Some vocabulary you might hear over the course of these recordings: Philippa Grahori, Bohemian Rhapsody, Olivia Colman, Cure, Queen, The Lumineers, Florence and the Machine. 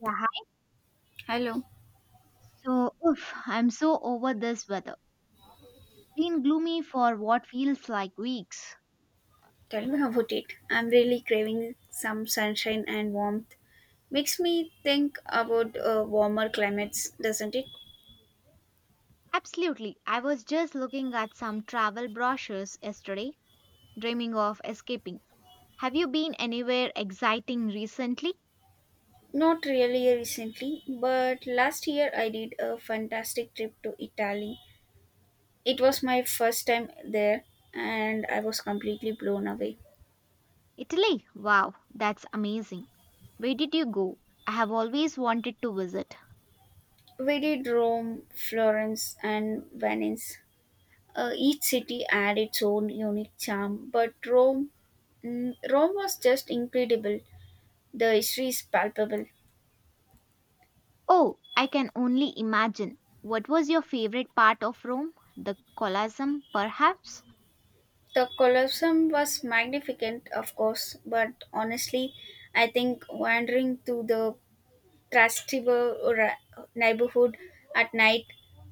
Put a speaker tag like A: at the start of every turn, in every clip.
A: Yeah, hi.
B: Hello,
A: So, oof, I'm so over this weather. Been gloomy for what feels like weeks.
B: tell me about it. I'm really craving some sunshine and warmth. Makes me think about warmer climates, doesn't it?
A: Absolutely. I was just looking at some travel brochures yesterday, dreaming of escaping. Have you been anywhere exciting recently?
B: Not really recently, but last year I did a fantastic trip to Italy. It was my first time there and I was completely blown away.
A: Italy. Wow, that's amazing. Where did you go? I have always wanted to visit.
B: We did Rome, Florence, and Venice. Each city had its own unique charm, but Rome, Rome was just incredible. The history is palpable.
A: Oh, I can only imagine. What was your favorite part of Rome? The Colosseum, perhaps?
B: The Colosseum was magnificent, of course, but honestly, I think wandering through the neighborhood at night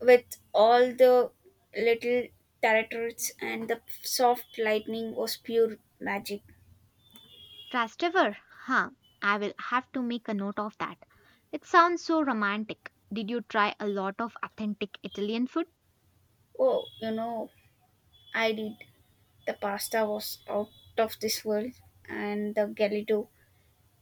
B: with all the little turrets and the soft lightning was pure magic.
A: Trastevere? Huh, I will have to make a note of that. It sounds so romantic. Did you try a lot of authentic Italian food?
B: Oh, I did. The pasta was out of this world, and the gelato.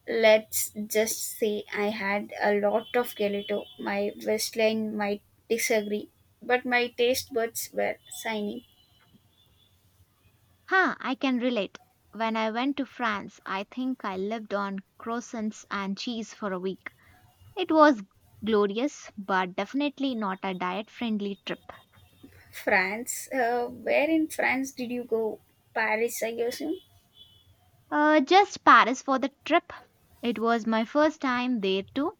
B: Let's just say I had a lot of gelato. My waistline might disagree, but my taste buds were signing.
A: Huh, I can relate. When I went to France, I think I lived on croissants and cheese for a week. It was glorious, but definitely not a diet friendly trip.
B: France. Where in France did you go? Paris, I assume.
A: Just Paris for the trip. It was my first time there too,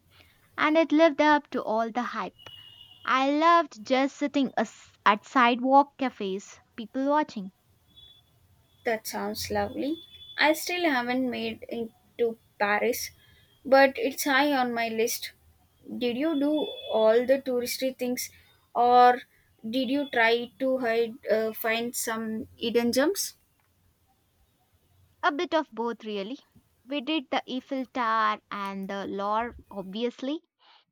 A: and it lived up to all the hype. I loved just sitting at sidewalk cafes, people watching.
B: That sounds lovely. I still haven't made it to Paris, but it's high on my list. Did you do all the touristy things, or did you try to find some hidden gems?
A: A bit of both, really. We did the Eiffel Tower and the Loire, obviously,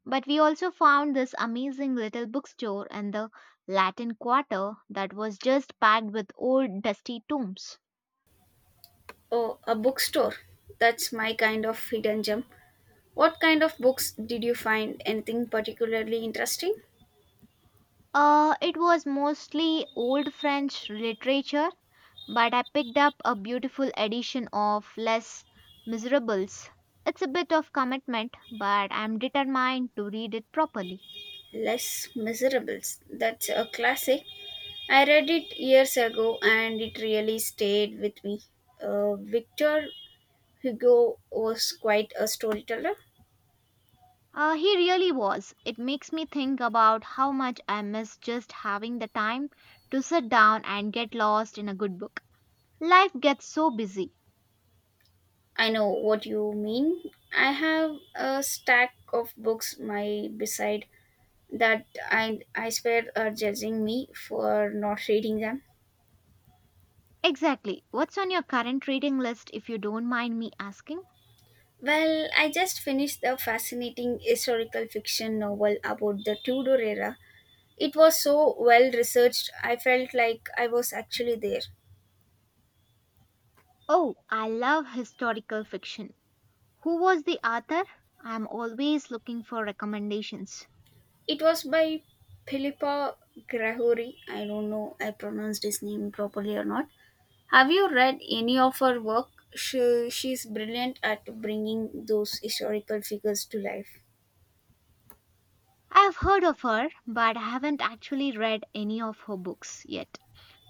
A: but we also found this amazing little bookstore in the Latin Quarter that was just packed with old dusty tomes.
B: Oh, a bookstore. That's my kind of hidden gem. What kind of books did you find? Anything particularly interesting?
A: It was mostly old French literature, but I picked up a beautiful edition of Les Miserables. It's a bit of commitment, but I'm determined to read it properly.
B: Les Miserables. That's a classic. I read it years ago and it really stayed with me. Victor Hugo was quite a storyteller.
A: He really was. It makes me think about how much I miss just having the time to sit down and get lost in a good book. Life gets so busy.
B: I know what you mean. I have a stack of books my beside that I swear are judging me for not reading them.
A: Exactly. What's on your current reading list if you don't mind me asking?
B: Well, I just finished the fascinating historical fiction novel about the Tudor era. It was so well researched, I felt like I was actually there.
A: Oh, I love historical fiction. Who was the author? I'm always looking for recommendations.
B: It was by Philippa Grahori. I don't know I pronounced his name properly or not. Have you read any of her work? She's brilliant at bringing those historical figures to life.
A: I have heard of her, but I haven't actually read any of her books yet.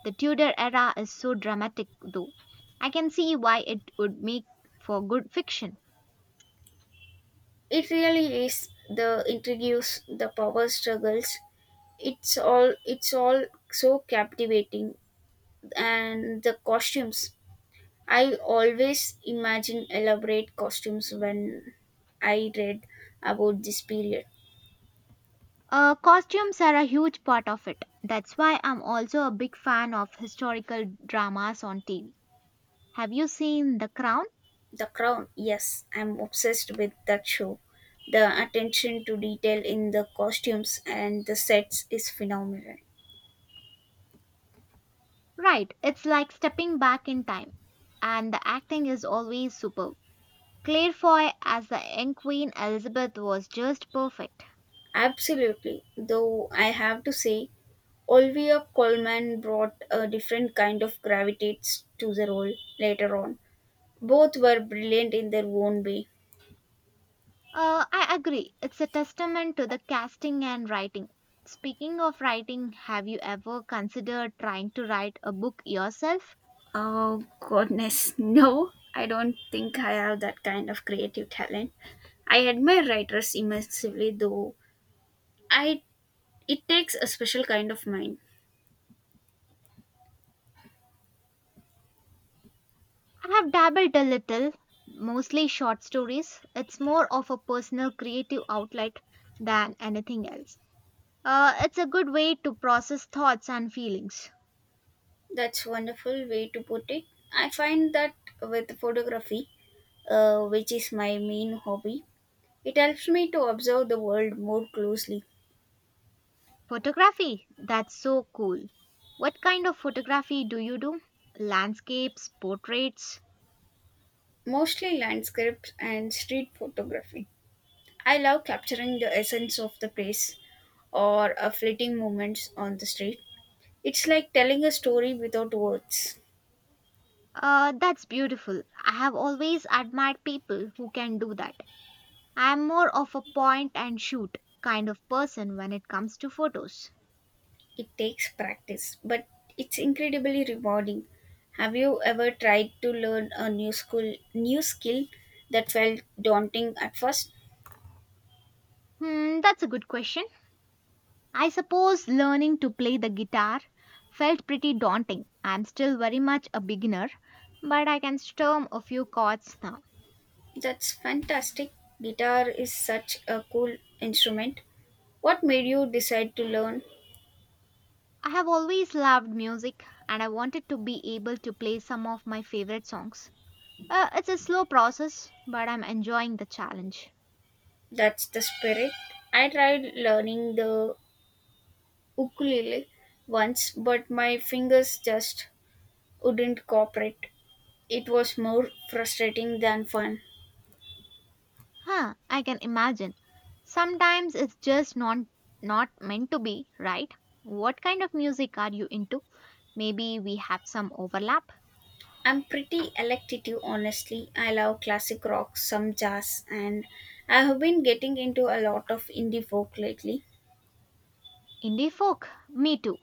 A: The Tudor era is so dramatic, though. I can see why it would make for good fiction.
B: It really is the introduce the power struggles. It's all so captivating and the costumes. I always imagine elaborate costumes when I read about this period.
A: Costumes are a huge part of it. That's why I'm also a big fan of historical dramas on TV. Have you seen The Crown?
B: The Crown, yes, I'm obsessed with that show. The attention to detail in the costumes and the sets is phenomenal.
A: Right, it's like stepping back in time. And the acting is always superb. Claire Foy as the young Queen Elizabeth was just perfect.
B: Absolutely, though I have to say, Olivia Colman brought a different kind of gravitas to the role later on. Both were brilliant in their own way.
A: I agree. It's a testament to the casting and writing. Speaking of writing, have you ever considered trying to write a book yourself?
B: Oh, goodness, no. I don't think I have that kind of creative talent. I admire writers immensely, though. I it takes a special kind of mind.
A: I have dabbled a little, mostly short stories. It's more of a personal creative outlet than anything else. It's a good way to process thoughts and feelings.
B: That's wonderful way to put it. I find that with photography, which is my main hobby, it helps me to observe the world more closely,
A: Photography, that's so cool. What kind of photography do you do? Landscapes, portraits?
B: mostly landscapes and street photography. I love capturing the essence of the place or a fleeting moments on the street. It's like telling a story without words.
A: That's beautiful. I have always admired people who can do that. I am more of a point and shoot kind of person when it comes to photos.
B: It takes practice, but it's incredibly rewarding. Have you ever tried to learn a new skill that felt daunting at first?
A: Hmm, that's a good question. I suppose learning to play the guitar felt pretty daunting. I'm still very much a beginner, but I can strum a few chords now.
B: That's fantastic. Guitar is such a cool instrument. What made you decide to learn?
A: I have always loved music and I wanted to be able to play some of my favorite songs. It's a slow process, but I'm enjoying the challenge.
B: That's the spirit. I tried learning the ukulele once, but my fingers just wouldn't cooperate. It was more frustrating than fun.
A: Huh, I can imagine. Sometimes it's just not meant to be, right? What kind of music are you into? Maybe we have some overlap.
B: I'm pretty electative, honestly. I love classic rock, some jazz, and I have been getting into a lot of indie folk lately.
A: Indie folk, me too.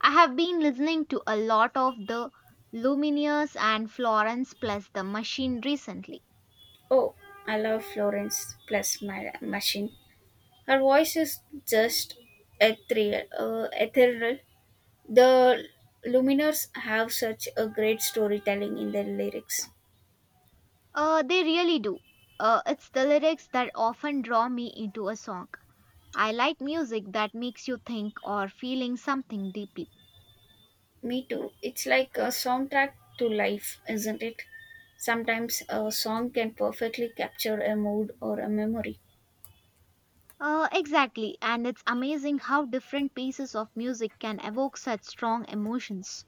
A: I have been listening to a lot of the Lumineers and Florence plus the Machine recently.
B: Oh, I love Florence plus my machine. Her voice is just ethereal. The Luminers have such a great storytelling in their lyrics.
A: They really do. It's the lyrics that often draw me into a song. I like music that makes you think or feeling something deeply.
B: Me too. It's like a soundtrack to life, isn't it? Sometimes a song can perfectly capture a mood or a memory.
A: Exactly, and it's amazing how different pieces of music can evoke such strong emotions.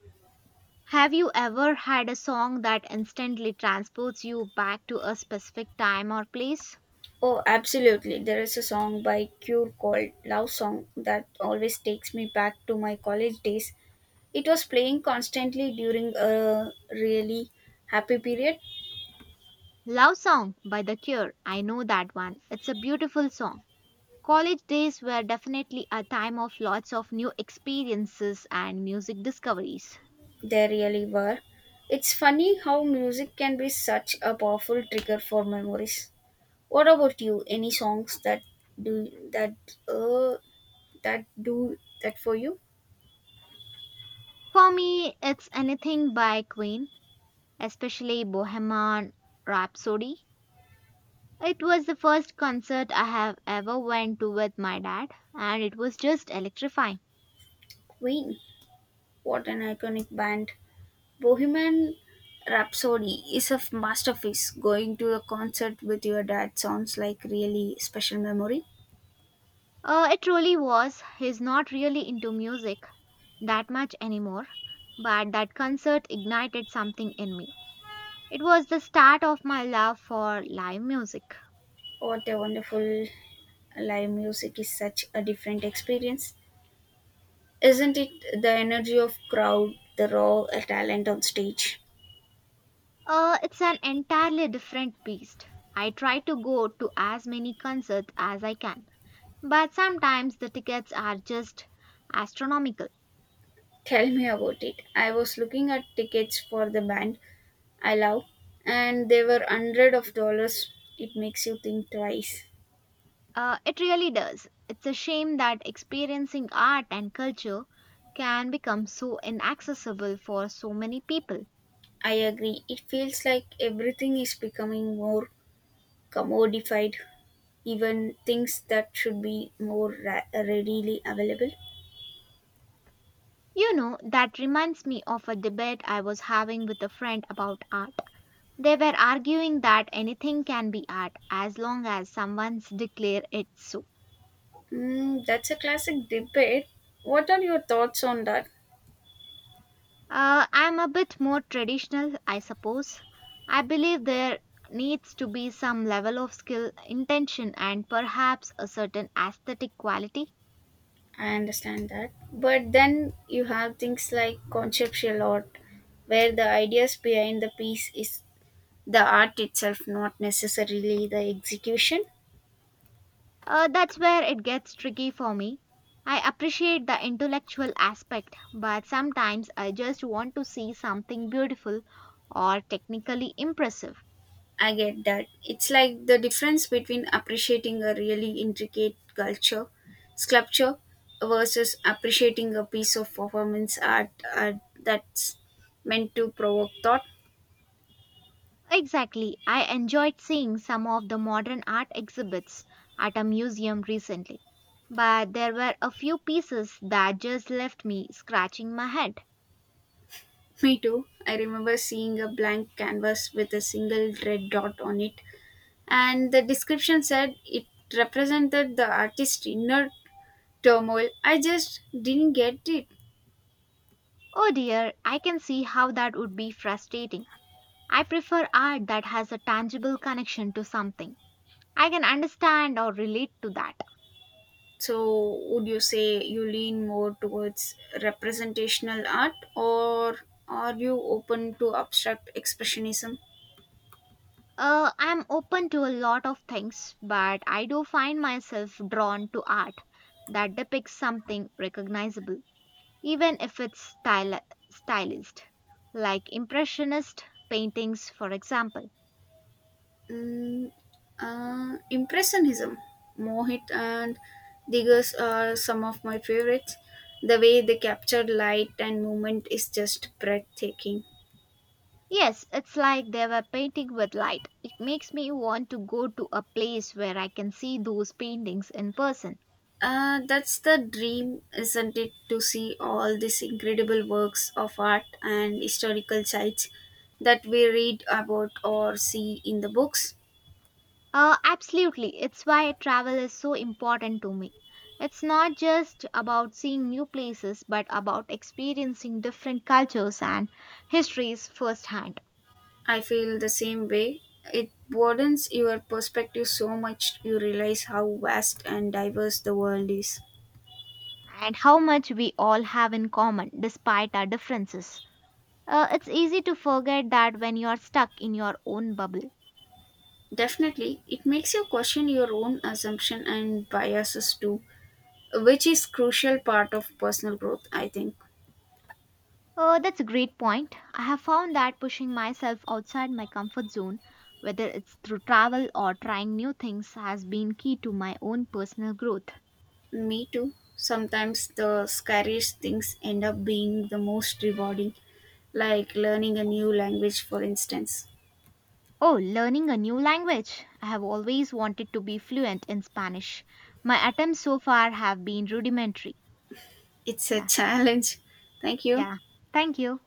A: Have you ever had a song that instantly transports you back to a specific time or place?
B: Oh, absolutely. There is a song by Cure called Love Song that always takes me back to my college days. It was playing constantly during a really happy period.
A: Love Song by The Cure, I know that one. It's a beautiful song. College days were definitely a time of lots of new experiences and music discoveries.
B: They really were. It's funny how music can be such a powerful trigger for memories. What about you? Any songs that do that uh do that for you?
A: For me, it's anything by Queen, especially Bohemian Rhapsody. It was the first concert I have ever went to with my dad and it was just electrifying.
B: Queen. What an iconic band. Bohemian Rhapsody is a masterpiece. Going to a concert with your dad sounds like really special memory.
A: It really was. He's not really into music that much anymore, but that concert ignited something in me. It was the start of my love for live music.
B: What a wonderful live music is such a different experience. Isn't it the energy of crowd, the raw talent on stage?
A: It's an entirely different beast. I try to go to as many concerts as I can, but sometimes the tickets are just astronomical.
B: Tell me about it. I was looking at tickets for the band I love and they were hundred of dollars. It makes you think twice.
A: It really does. It's a shame that experiencing art and culture can become so inaccessible for so many people.
B: I agree. It feels like everything is becoming more commodified, even things that should be more readily available?
A: You know, that reminds me of a debate I was having with a friend about art. They were arguing that anything can be art as long as someone's declare it so.
B: Mm, that's a classic debate. What are your thoughts on that?
A: I'm a bit more traditional, I suppose. I believe there needs to be some level of skill, intention, and perhaps a certain aesthetic quality.
B: I understand that. But then you have things like conceptual art, where the ideas behind the piece is the art itself, not necessarily the execution.
A: That's where it gets tricky for me. I appreciate the intellectual aspect, but sometimes I just want to see something beautiful or technically impressive.
B: I get that. It's like the difference between appreciating a really intricate culture sculpture versus appreciating a piece of performance art that's meant to provoke thought.
A: Exactly, I enjoyed seeing some of the modern art exhibits at a museum recently, but there were a few pieces that just left me scratching my head.
B: Me too. I remember seeing a blank canvas with a single red dot on it, and the description said it represented the artist's inner turmoil. I just didn't get it.
A: Oh dear, I can see how that would be frustrating. I prefer art that has a tangible connection to something. I can understand or relate to that.
B: So, would you say you lean more towards representational art, or are you open to abstract expressionism?
A: I'm open to a lot of things, but I do find myself drawn to art that depicts something recognizable, even if it's stylized, like Impressionist paintings, for example.
B: Mm, Impressionism, Mohit and Diggers are some of my favorites. The way they capture light and movement is just breathtaking.
A: Yes, it's like they were painting with light. It makes me want to go to a place where I can see those paintings in person.
B: That's the dream, isn't it, to see all these incredible works of art and historical sites that we read about or see in the books?
A: Absolutely. It's why travel is so important to me. It's not just about seeing new places, but about experiencing different cultures and histories firsthand,
B: I feel the same way. It broadens your perspective so much you realize how vast and diverse the world is.
A: and how much we all have in common despite our differences. It's easy to forget that when you're stuck in your own bubble.
B: Definitely, it makes you question your own assumption and biases too, which is crucial part of personal growth, I think.
A: That's a great point. I have found that pushing myself outside my comfort zone, whether it's through travel or trying new things, has been key to my own personal growth.
B: Me too. Sometimes the scariest things end up being the most rewarding, like learning a new language, for instance.
A: Oh, learning a new language. I have always wanted to be fluent in Spanish. My attempts so far have been rudimentary.
B: It's a
A: Yeah.
B: challenge. Thank you.
A: Yeah. Thank you.